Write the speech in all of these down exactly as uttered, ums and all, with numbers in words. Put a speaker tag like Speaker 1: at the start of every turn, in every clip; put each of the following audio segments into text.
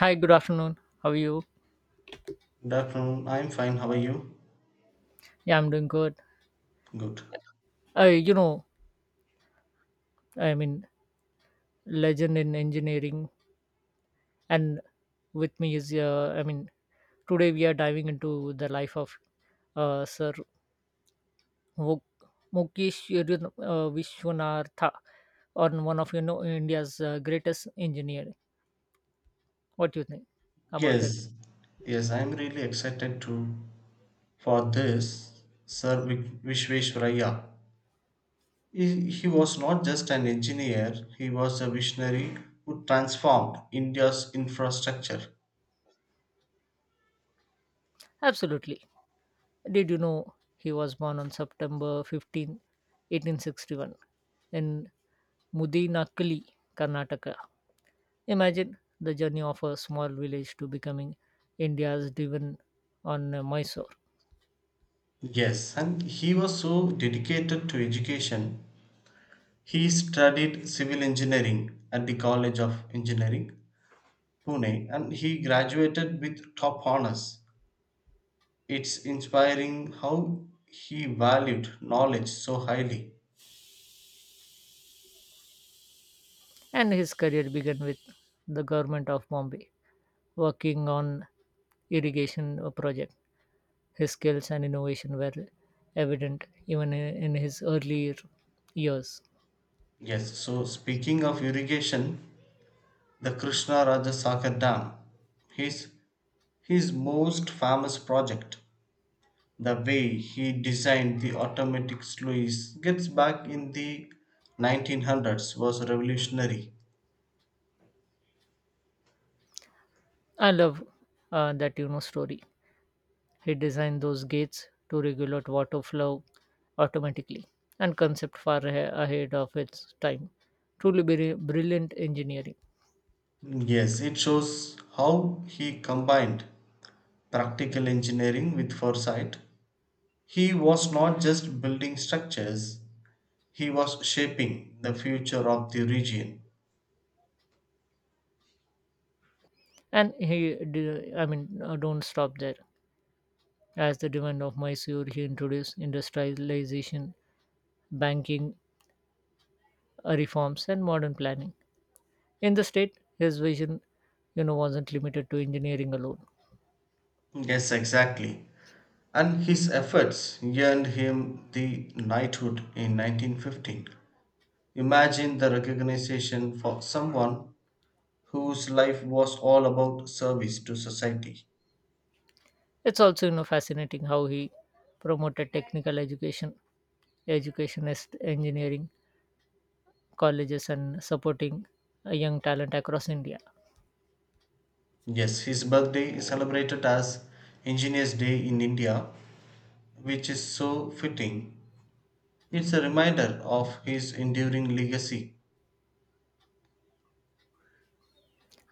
Speaker 1: Hi, good afternoon. How are you?
Speaker 2: Good afternoon. I'm fine. How are you?
Speaker 1: Yeah, I'm doing good.
Speaker 2: Good.
Speaker 1: Uh, you know, I mean, legend in engineering, and with me is, uh, I mean, today we are diving into the life of uh, Sir Muk- Mukesh Yudhin- uh, Vishwanatha, on one of you know India's uh, greatest engineer. What do you think about it?
Speaker 2: Yes, yes, I'm really excited to for this Sir Vik- Vishveshwaraya. He, he was not just an engineer, he was a visionary who transformed India's infrastructure.
Speaker 1: Absolutely. Did you know he was born on September fifteenth, eighteen sixty-one, in Mudinakali, Karnataka? Imagine the journey of a small village to becoming India's divan on uh, Mysore.
Speaker 2: Yes, and he was so dedicated to education. He studied civil engineering at the College of Engineering, Pune, and he graduated with top honors. It's inspiring how he valued knowledge so highly.
Speaker 1: And his career began with the government of Bombay, working on irrigation uh, project. His skills and innovation were evident even in in his earlier years.
Speaker 2: Yes, so speaking of irrigation, the Krishna Raja Sagar Dam, his, his most famous project, the way he designed the automatic sluice gets back in the nineteen hundreds was revolutionary.
Speaker 1: I love uh, that you know story. He designed those gates to regulate water flow automatically and concept far ahe- ahead of its time. Truly bri- brilliant engineering.
Speaker 2: Yes, it shows how he combined practical engineering with foresight. He was not just building structures, he was shaping the future of the region.
Speaker 1: And he, d- I mean, uh, don't stop there. As the demand of Mysore, he introduced industrialization, banking uh, reforms, and modern planning. In the state, his vision, you know, wasn't limited to engineering alone.
Speaker 2: Yes, exactly. And his efforts earned him the knighthood in nineteen fifteen. Imagine the recognition for someone whose life was all about service to society.
Speaker 1: It's also, you know, fascinating how he promoted technical education, educationist engineering colleges, and supporting uh, young talent across India.
Speaker 2: Yes, his birthday is celebrated as Engineers' Day in India, which is so fitting. It's a reminder of his enduring legacy.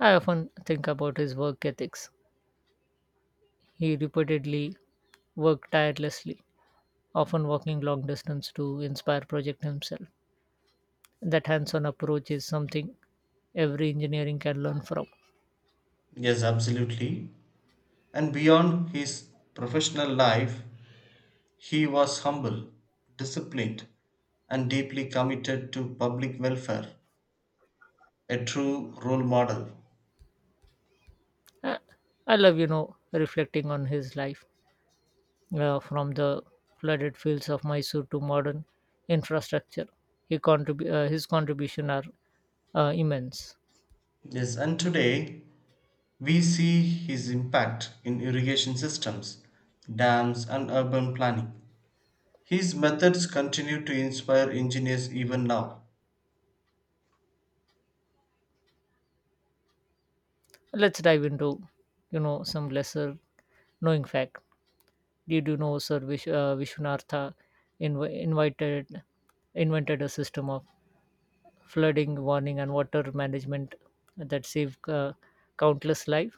Speaker 1: I often think about his work ethics. He repeatedly worked tirelessly often walking long distance to inspire project himself. That hands-on approach is something every engineering can learn from.
Speaker 2: Yes, absolutely. And beyond his professional life, he was humble, disciplined, and deeply committed to public welfare, a true role model.
Speaker 1: Uh, I love, you know, reflecting on his life uh, from the flooded fields of Mysore to modern infrastructure. He contrib- uh, his contribution are uh, immense.
Speaker 2: Yes, and today we see his impact in irrigation systems, dams, and urban planning. His methods continue to inspire engineers even now.
Speaker 1: Let's dive into, you know, some lesser knowing fact. Did you know Sir Vish- uh, Vishwanatha inv- invited invented a system of flooding warning and water management that save uh, countless life.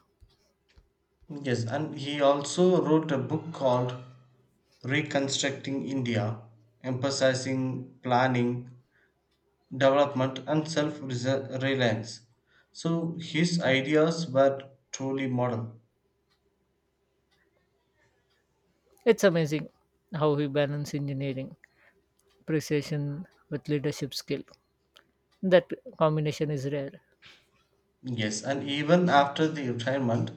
Speaker 2: Yes, and he also wrote a book called Reconstructing India, emphasizing planning, development and self reliance. So his ideas were truly modern.
Speaker 1: It's amazing how he balance engineering precision with leadership skill. That combination is rare.
Speaker 2: Yes, and even after the retirement,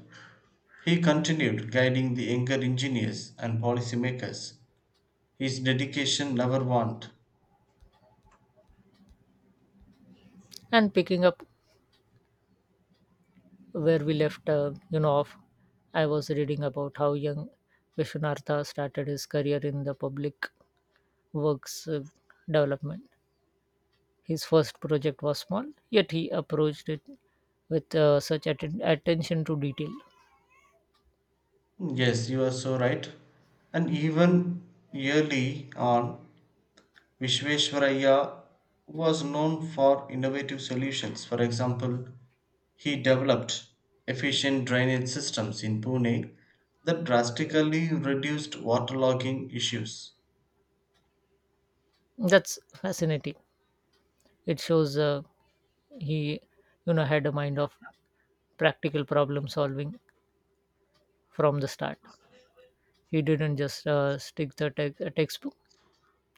Speaker 2: he continued guiding the younger engineers and policymakers. His dedication never waned.
Speaker 1: And picking up where we left uh, you know off, I was reading about how young Vishwanatha started his career in the public works uh, development. His first project was small, yet he approached it with uh, such atten- attention to detail.
Speaker 2: Yes, you are so right. And even early on, Visvesvaraya was known for innovative solutions. For example, he developed efficient drainage systems in Pune that drastically reduced waterlogging issues.
Speaker 1: That's fascinating. It shows uh, he you know had a mind of practical problem solving from the start. He didn't just uh, stick the tech a textbook.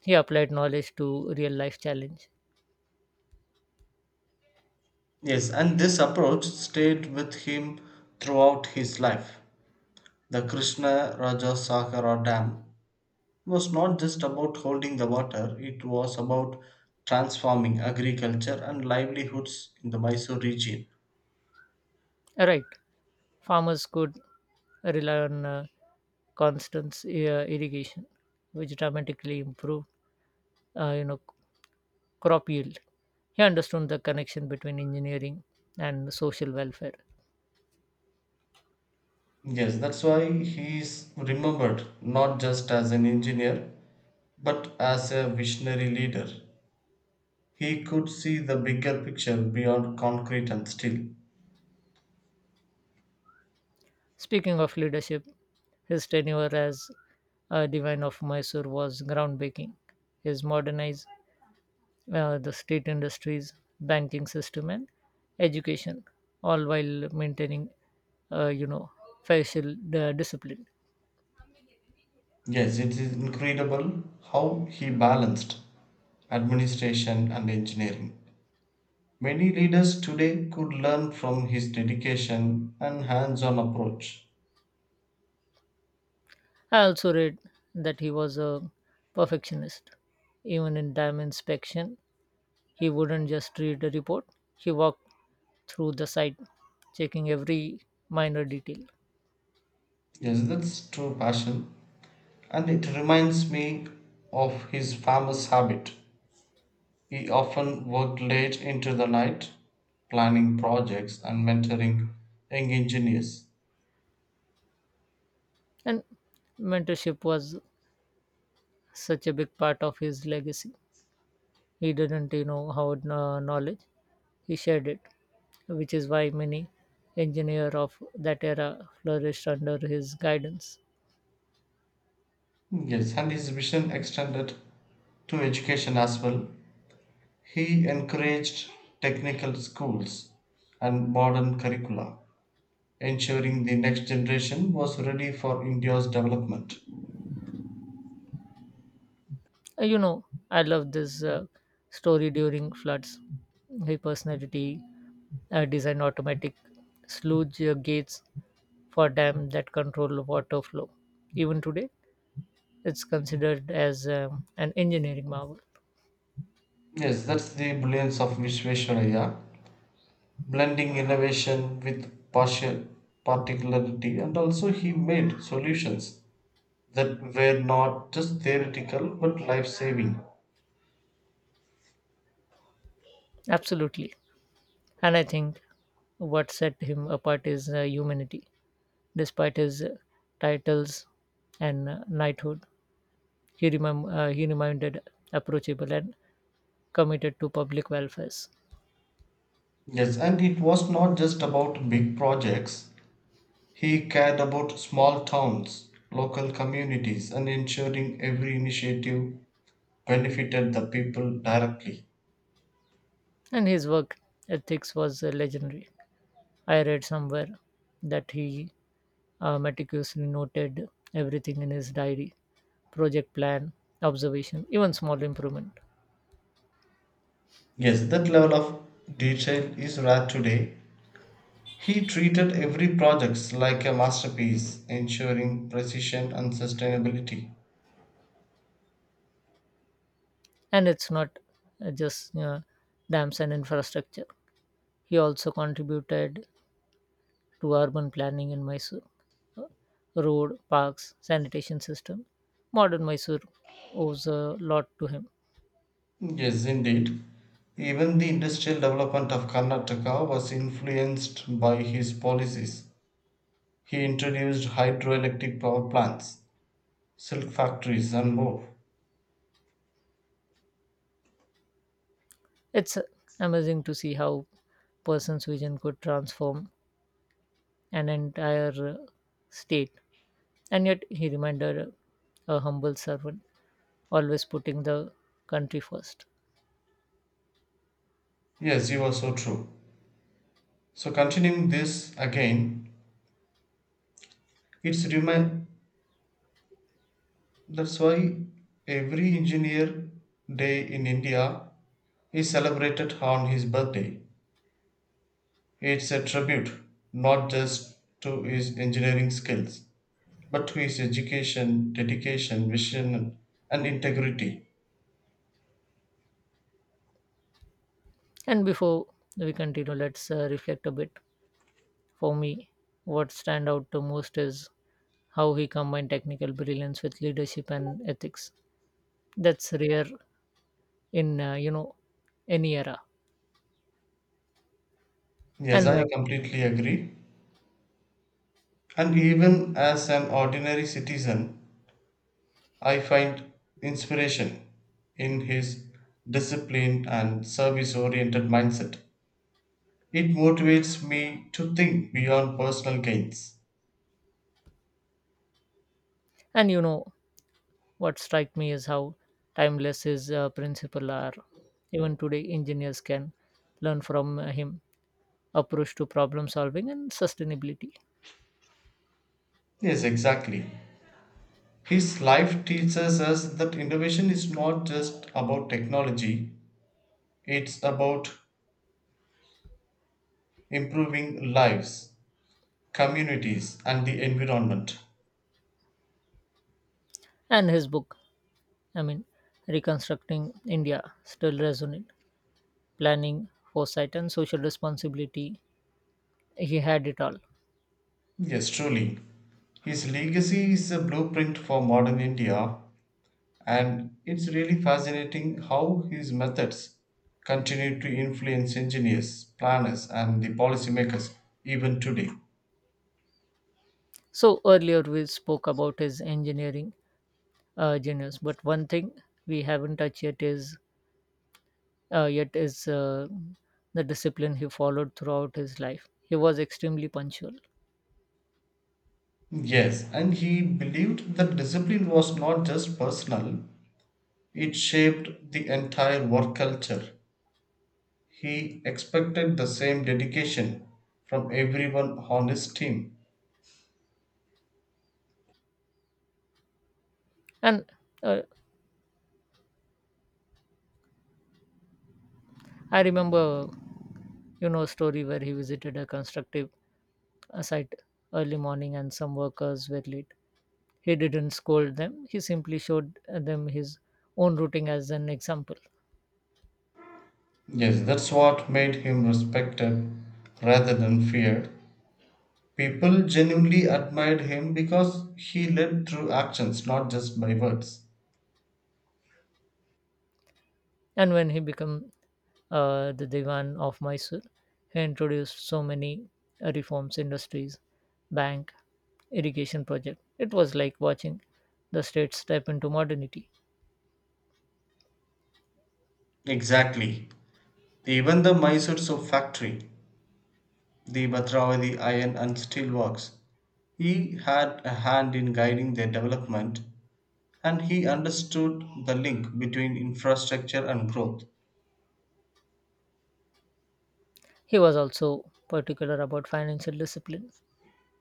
Speaker 1: He applied knowledge to real life challenge.
Speaker 2: Yes, and this approach stayed with him throughout his life. The Krishna Raja Sakara Dam was not just about holding the water, it was about transforming agriculture and livelihoods in the Mysore region.
Speaker 1: Right, farmers could rely on uh, constant uh, irrigation, which dramatically improved uh, you know crop yield. He understood the connection between engineering and social welfare.
Speaker 2: Yes, that's why he is remembered not just as an engineer, but as a visionary leader. He could see the bigger picture beyond concrete and steel.
Speaker 1: Speaking of leadership, his tenure as a divine of Mysore was groundbreaking. He modernized uh, the state industries, banking system, and education, all while maintaining, uh, you know, facial uh, discipline.
Speaker 2: Yes, it is incredible how he balanced administration and engineering. Many leaders today could learn from his dedication and hands on approach.
Speaker 1: I also read that he was a perfectionist. Even in dam inspection, he wouldn't just read the report. He walked through the site, checking every minor detail.
Speaker 2: Yes, that's true passion, and it reminds me of his famous habit. He often worked late into the night, planning projects and mentoring young engineers.
Speaker 1: And mentorship was such a big part of his legacy. He didn't, you know, hoard uh, knowledge; he shared it, which is why many engineer of that era flourished under his guidance.
Speaker 2: Yes, and his vision extended to education as well. He encouraged technical schools and modern curricula, ensuring the next generation was ready for India's development.
Speaker 1: Uh, You know, I love this uh, story during floods. He personality uh, designed automatic sludge uh, gates for dam that control water flow. Even today, it's considered as um, an engineering marvel.
Speaker 2: Yes, that's the brilliance of Vishveshwaraya, blending innovation with partial particularity, and also he made solutions that were not just theoretical but life saving.
Speaker 1: Absolutely, and I think what set him apart is uh, humanity. Despite his uh, titles and uh, knighthood, he, remem- uh, he remained approachable and committed to public welfare.
Speaker 2: Yes, and it was not just about big projects. He cared about small towns, local communities, and ensuring every initiative benefited the people directly.
Speaker 1: And his work ethics was uh, legendary. I read somewhere that he uh, meticulously noted everything in his diary, project plan, observation, even small improvement.
Speaker 2: Yes, that level of detail is rare today. He treated every project like a masterpiece, ensuring precision and sustainability.
Speaker 1: And it's not uh, just uh, dams and infrastructure. He also contributed to urban planning in Mysore, road, parks, sanitation system. Modern Mysore owes a lot to him.
Speaker 2: Yes, indeed. Even the industrial development of Karnataka was influenced by his policies. He introduced hydroelectric power plants, silk factories, and more.
Speaker 1: It's amazing to see how person's vision could transform an entire uh, state. And yet he reminded a humble servant, always putting the country first.
Speaker 2: Yes, you are so true. So, continuing this again, it's remind that's why every engineer day in India is celebrated on his birthday. It's a tribute not just to his engineering skills but to his education, dedication, vision, and integrity.
Speaker 1: And before we continue, let's uh, reflect a bit. For me, what stand out the most is how he combined technical brilliance with leadership and ethics. That's rare in uh, you know any era.
Speaker 2: Yes,
Speaker 1: and
Speaker 2: I
Speaker 1: uh,
Speaker 2: completely agree. And even as an ordinary citizen, I find inspiration in his disciplined and service oriented mindset. It motivates me to think beyond personal gains.
Speaker 1: and you know what strike me is how timeless his uh, principle are. Even today engineers can learn from uh, him approach to problem solving and sustainability.
Speaker 2: Yes, exactly. His life teaches us that innovation is not just about technology, it's about improving lives communities, and the environment.
Speaker 1: And his book, i mean Reconstructing India, still resonant planning, foresight and social responsibility. He had it all.
Speaker 2: Yes, truly. His legacy is a blueprint for modern India, and it's really fascinating how his methods continue to influence engineers, planners, and the policymakers even today.
Speaker 1: So earlier we spoke about his engineering uh, genius, but one thing we haven't touched yet is uh, yet is uh, the discipline he followed throughout his life. He was extremely punctual,
Speaker 2: Yes, and he believed that discipline was not just personal, it shaped the entire work culture. He expected the same dedication from everyone on his team.
Speaker 1: and uh, I remember, you know, a story where he visited a constructive uh, site early morning, and some workers were late. He didn't scold them; he simply showed uh, them his own routing as an example.
Speaker 2: Yes, that's what made him respected rather than feared. People genuinely admired him because he led through actions, not just by words.
Speaker 1: And when he became uh, the Diwan of Mysore, he introduced so many uh, reforms, industries, bank irrigation project. It was like watching the state step into modernity.
Speaker 2: Exactly. Even the Mysore soap factory, the Bhatravadi iron and steel works, he had a hand in guiding their development and he understood the link between infrastructure and growth.
Speaker 1: He was also particular about financial discipline.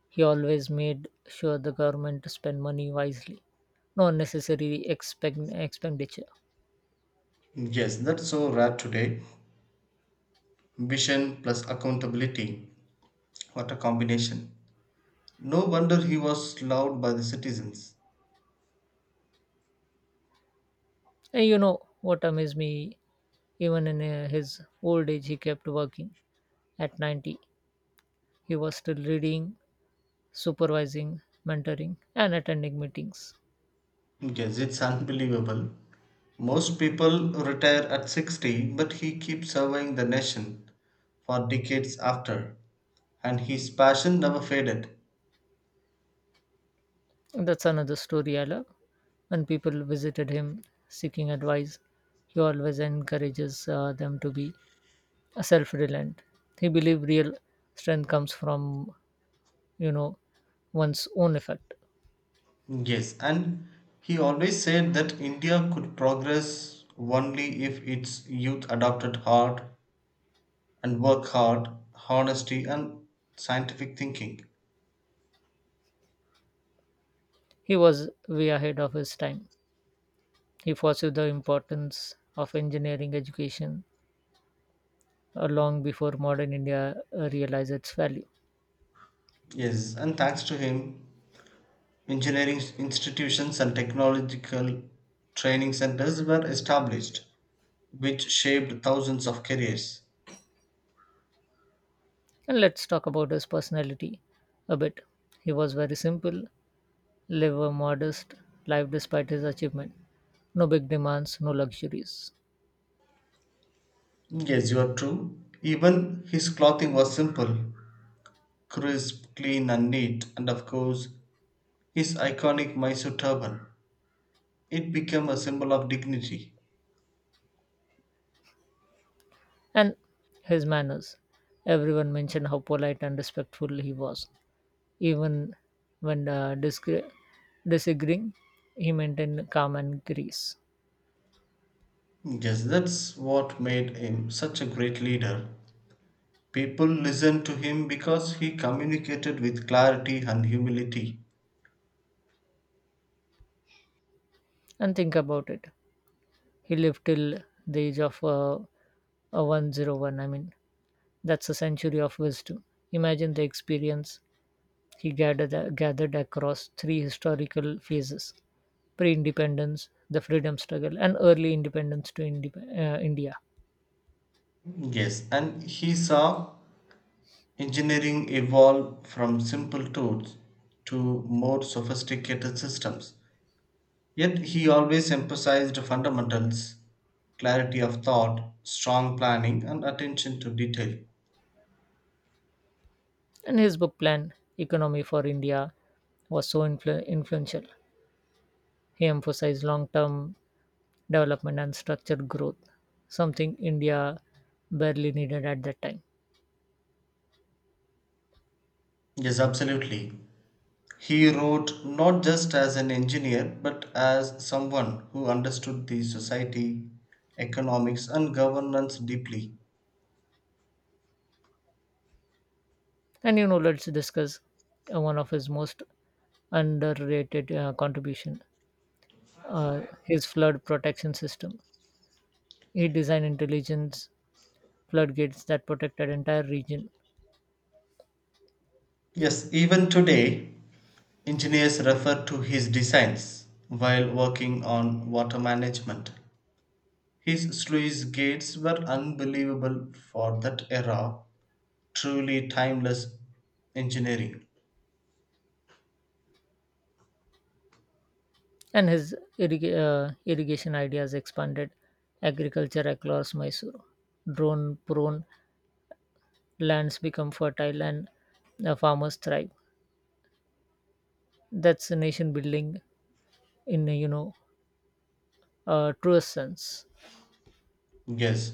Speaker 1: He always made sure the government spent money wisely, no unnecessary expend- expenditure.
Speaker 2: Yes, that's so rare today. Vision plus accountability. What a combination. No wonder he was loved by the citizens.
Speaker 1: And you know what amazed me? Even in uh, his old age, he kept working. At ninety, he was still reading, supervising, mentoring, and attending meetings.
Speaker 2: Yes, it's unbelievable. Most people retire at sixty, but he keeps serving the nation for decades after. And his passion never faded.
Speaker 1: That's another story I love. When people visited him seeking advice, he always encourages uh, them to be uh, self-reliant. He believes real strength comes from, you know, one's own effort.
Speaker 2: Yes, and he always said that India could progress only if its youth adopted hard and work hard, honesty, and scientific thinking.
Speaker 1: He was way ahead of his time. He foresaw the importance of engineering education uh, long before modern India uh, realized its value.
Speaker 2: Yes, and thanks to him, engineering institutions and technological training centers were established, which shaped thousands of careers.
Speaker 1: And let's talk about his personality a bit. He was very simple live a modest life despite his achievement. No big demands, no luxuries.
Speaker 2: Yes, you are true. Even his clothing was simple, crisp, clean, and neat, and of course, his iconic Mysore turban. It became a symbol of dignity.
Speaker 1: And his manners. Everyone mentioned how polite and respectful he was. Even when uh, discre- disagreeing, he maintained calm and grace.
Speaker 2: Yes, that's what made him such a great leader. People listened to him because he communicated with clarity and humility.
Speaker 1: And think about it. He lived till the age of uh, uh, one hundred one. I mean, that's a century of wisdom. Imagine the experience he gathered gathered across three historical phases: pre-independence, the freedom struggle, and early independence to Indi- uh, India.
Speaker 2: Yes, and he saw engineering evolved from simple tools to more sophisticated systems. Yet he always emphasized fundamentals, clarity of thought, strong planning, and attention to detail.
Speaker 1: And his book plan, Economy for India, was so influ- influential. He emphasized long-term development and structured growth, something India barely needed at that time.
Speaker 2: Yes, absolutely. He wrote not just as an engineer, but as someone who understood the society, economics, and governance deeply.
Speaker 1: And you know, let's discuss uh, one of his most underrated uh, contribution, uh, his flood protection system. He designed intelligence floodgates that protected entire region,
Speaker 2: Yes, even today, engineers refer to his designs while working on water management. His sluice gates were unbelievable for that era, truly timeless engineering.
Speaker 1: and his irrig- uh, irrigation ideas expanded agriculture across Mysore. Drone prone lands become fertile and uh, farmers thrive. That's nation building in you know uh, truest sense.
Speaker 2: Yes,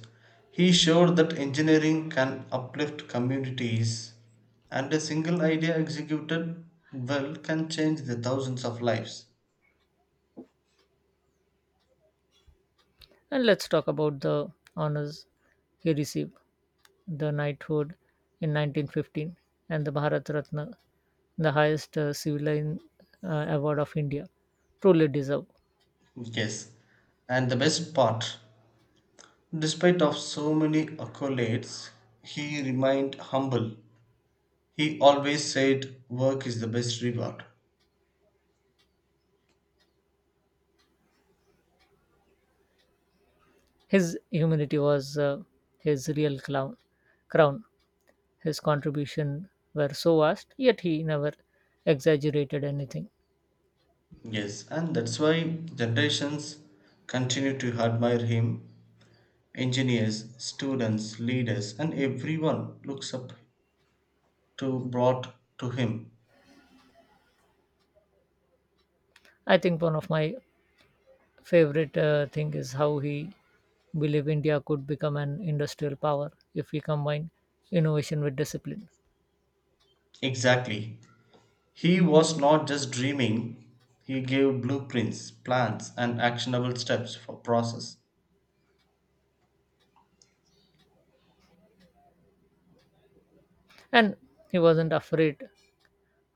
Speaker 2: he showed that engineering can uplift communities, and a single idea executed well can change the thousands of lives.
Speaker 1: And let's talk about the honors he received: the knighthood in nineteen fifteen and the Bharat Ratna, the highest uh, civilian uh, award of India. Truly deserved.
Speaker 2: Yes, and the best part, despite of so many accolades, he remained humble. He always said work is the best reward.
Speaker 1: His humanity was uh, his real clown, crown. His contribution were so vast, yet he never exaggerated anything.
Speaker 2: Yes, and that's why generations continue to admire him. Engineers, students, leaders, and everyone looks up to brought to him.
Speaker 1: I think one of my favorite uh, thing is how he believed India could become an industrial power if we combine innovation with discipline.
Speaker 2: Exactly. He was not just dreaming, he gave blueprints, plans, and actionable steps for process.
Speaker 1: And he wasn't afraid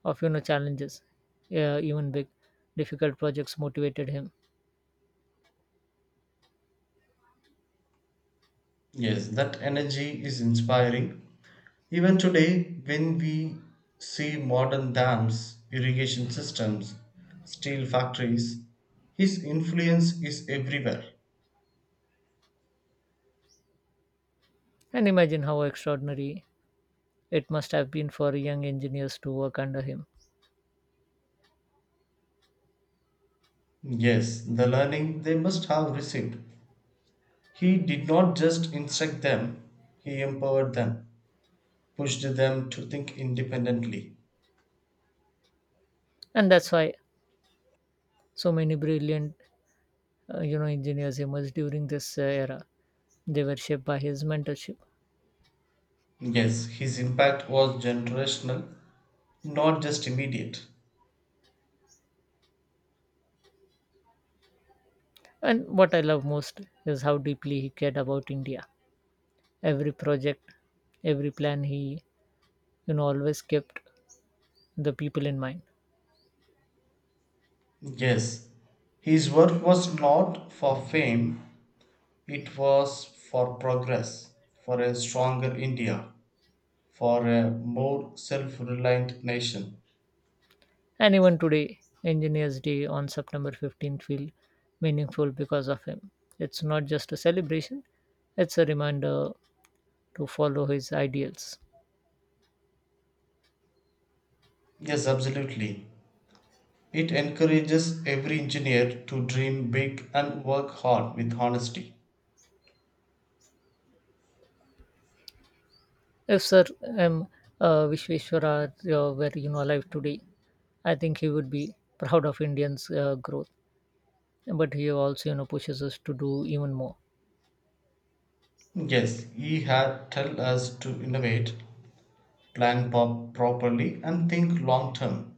Speaker 1: of you know challenges, uh, even big, difficult projects motivated him.
Speaker 2: Yes, that energy is inspiring. Even today, when we see modern dams, irrigation systems, steel factories, his influence is everywhere.
Speaker 1: And imagine how extraordinary it must have been for young engineers to work under him.
Speaker 2: Yes, the learning they must have received. He did not just instruct them, he empowered them, pushed them to think independently.
Speaker 1: And that's why so many brilliant, uh, you know, engineers emerged during this uh, era. They were shaped by his mentorship.
Speaker 2: Yes, his impact was generational, not just immediate.
Speaker 1: And what I love most is how deeply he cared about India. Every project, every plan he, you know, always kept the people in mind.
Speaker 2: Yes, his work was not for fame, it was for progress, for a stronger India, for a more self reliant nation.
Speaker 1: And even today, Engineers Day on September fifteenth feel meaningful because of him. It's not just a celebration, it's a reminder to follow his ideals.
Speaker 2: Yes, absolutely. It encourages every engineer to dream big and work hard with honesty.
Speaker 1: If Sir M. Uh, Vishweshwararya were you know alive today, I think he would be proud of Indians' uh, growth, but he also, you know, pushes us to do even more.
Speaker 2: Yes, he had tell us to innovate, plan pop properly, and think long term,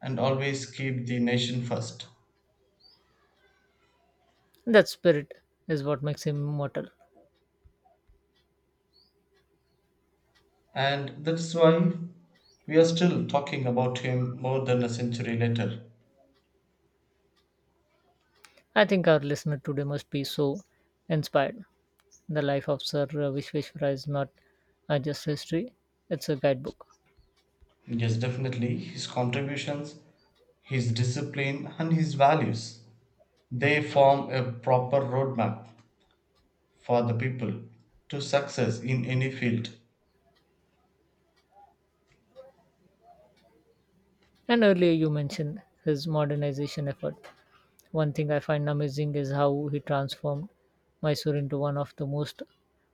Speaker 2: and always keep the nation first.
Speaker 1: That spirit is what makes him immortal.
Speaker 2: And that's why we are still talking about him more than a century later.
Speaker 1: I think our listener today must be so inspired. The life of Sir Vishveshwara is not uh, just history; it's a guidebook.
Speaker 2: Yes, definitely. His contributions, his discipline, and his values they form a proper roadmap for the people to success in any field.
Speaker 1: And earlier you mentioned his modernization effort. One thing I find amazing is how he transformed Mysore into one of the most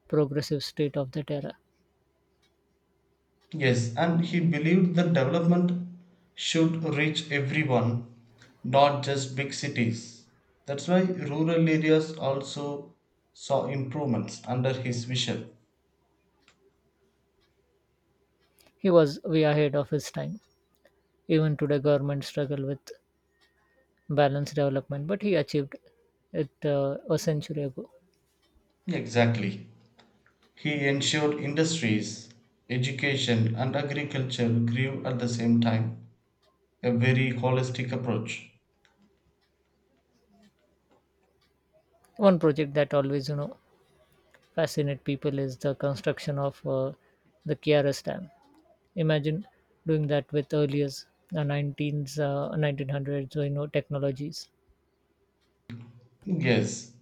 Speaker 1: progressive state of that era.
Speaker 2: Yes, and he believed that development should reach everyone, not just big cities. That's why rural areas also saw improvements under his vision.
Speaker 1: He was way ahead of his time. Even today, government struggle with balanced development, but he achieved it uh, a century ago.
Speaker 2: Exactly. He ensured industries, education, and agriculture grew at the same time, a very holistic approach.
Speaker 1: One project that always, you know, fascinate people is the construction of uh, the Kiaras Dam. Imagine doing that with earliest uh, nineteens, uh, nineteen hundreds, you know, technologies.
Speaker 2: Yes,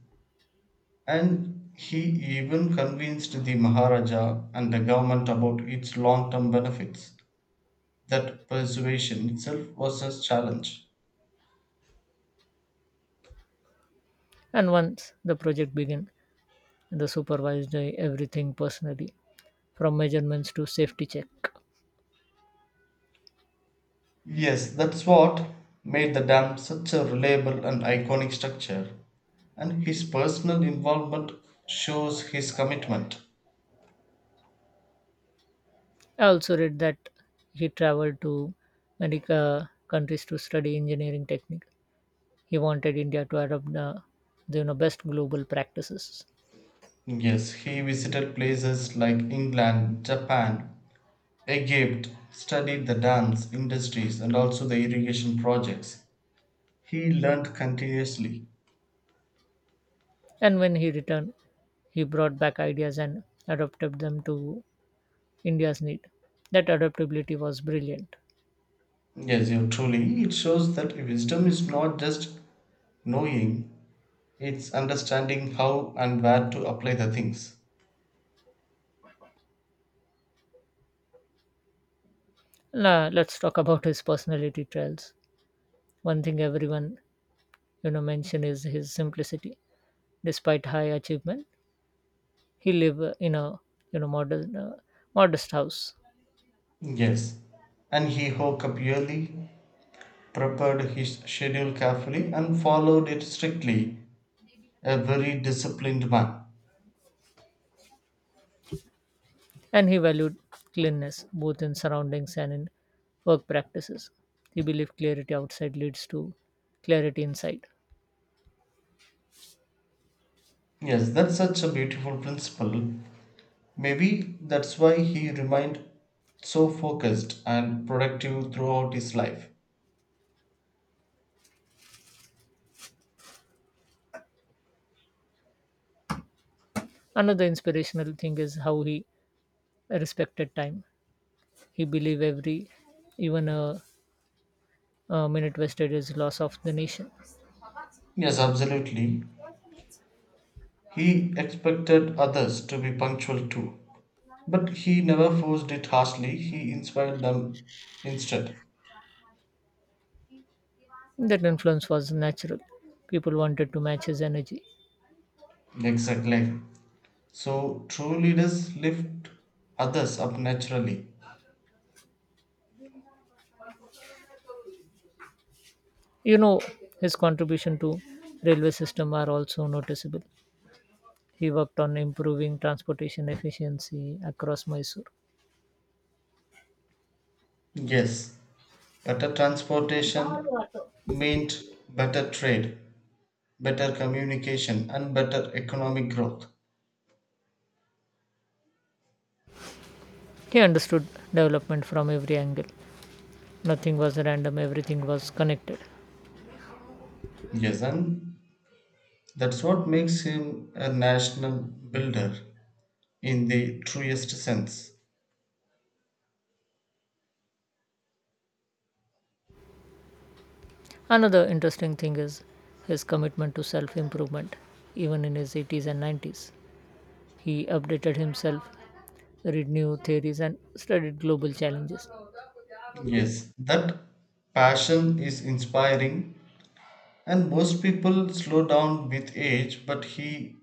Speaker 2: and he even convinced the Maharaja and the government about its long term benefits. That persuasion itself was a challenge.
Speaker 1: And once the project began, the supervised uh, everything personally, from measurements to safety check.
Speaker 2: Yes, that's what made the dam such a reliable and iconic structure. And his personal involvement shows his commitment.
Speaker 1: I also read that he traveled to many uh, countries to study engineering technique. He wanted India to adopt the, the you know, best global practices.
Speaker 2: Yes, he visited places like England, Japan, Egypt studied the dams, industries and also the irrigation projects. He learned continuously.
Speaker 1: And when he returned, he brought back ideas and adapted them to India's need. That adaptability was brilliant.
Speaker 2: Yes, you truly. It shows that wisdom is not just knowing, it's understanding how and where to apply the things.
Speaker 1: Now, let's talk about his personality traits. One thing everyone you know mention is his simplicity. Despite high achievement, he lived in a you know modern uh, modest house.
Speaker 2: Yes. And he woke up early, prepared his schedule carefully, and followed it strictly. A very disciplined man.
Speaker 1: And he valued cleanness both in surroundings and in work practices. He believed clarity outside leads to clarity inside.
Speaker 2: Yes, that's such a beautiful principle. Maybe that's why he remained so focused and productive throughout his life.
Speaker 1: Another inspirational thing is how he respected time. He believed every, even a, a minute wasted is loss of the nation.
Speaker 2: Yes, absolutely. He expected others to be punctual too. But he never forced it harshly, he inspired them instead.
Speaker 1: That influence was natural. People wanted to match his energy.
Speaker 2: Exactly. So true leaders lift others up naturally.
Speaker 1: You know, his contribution to railway system are also noticeable. He worked on improving transportation efficiency across Mysore.
Speaker 2: Yes, better transportation meant better trade, better communication, and better economic growth.
Speaker 1: He understood development from every angle. Nothing was random, everything was connected.
Speaker 2: Yes, and that's what makes him a national builder in the truest sense.
Speaker 1: Another interesting thing is his commitment to self improvement, even in his eighties and nineties. He updated himself, read new theories, and studied global challenges.
Speaker 2: Yes, that passion is inspiring, and most people slow down with age, but he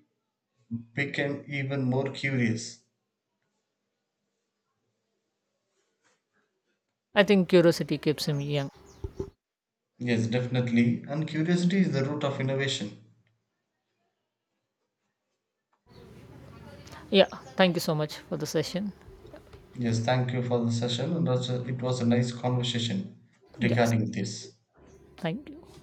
Speaker 2: became even more curious.
Speaker 1: I think curiosity keeps him young.
Speaker 2: Yes, definitely. And curiosity is the root of innovation.
Speaker 1: Yeah, thank you so much for the session.
Speaker 2: Yes, thank you for the session, and also it was a nice conversation
Speaker 1: Yes,
Speaker 2: regarding this.
Speaker 1: thank you.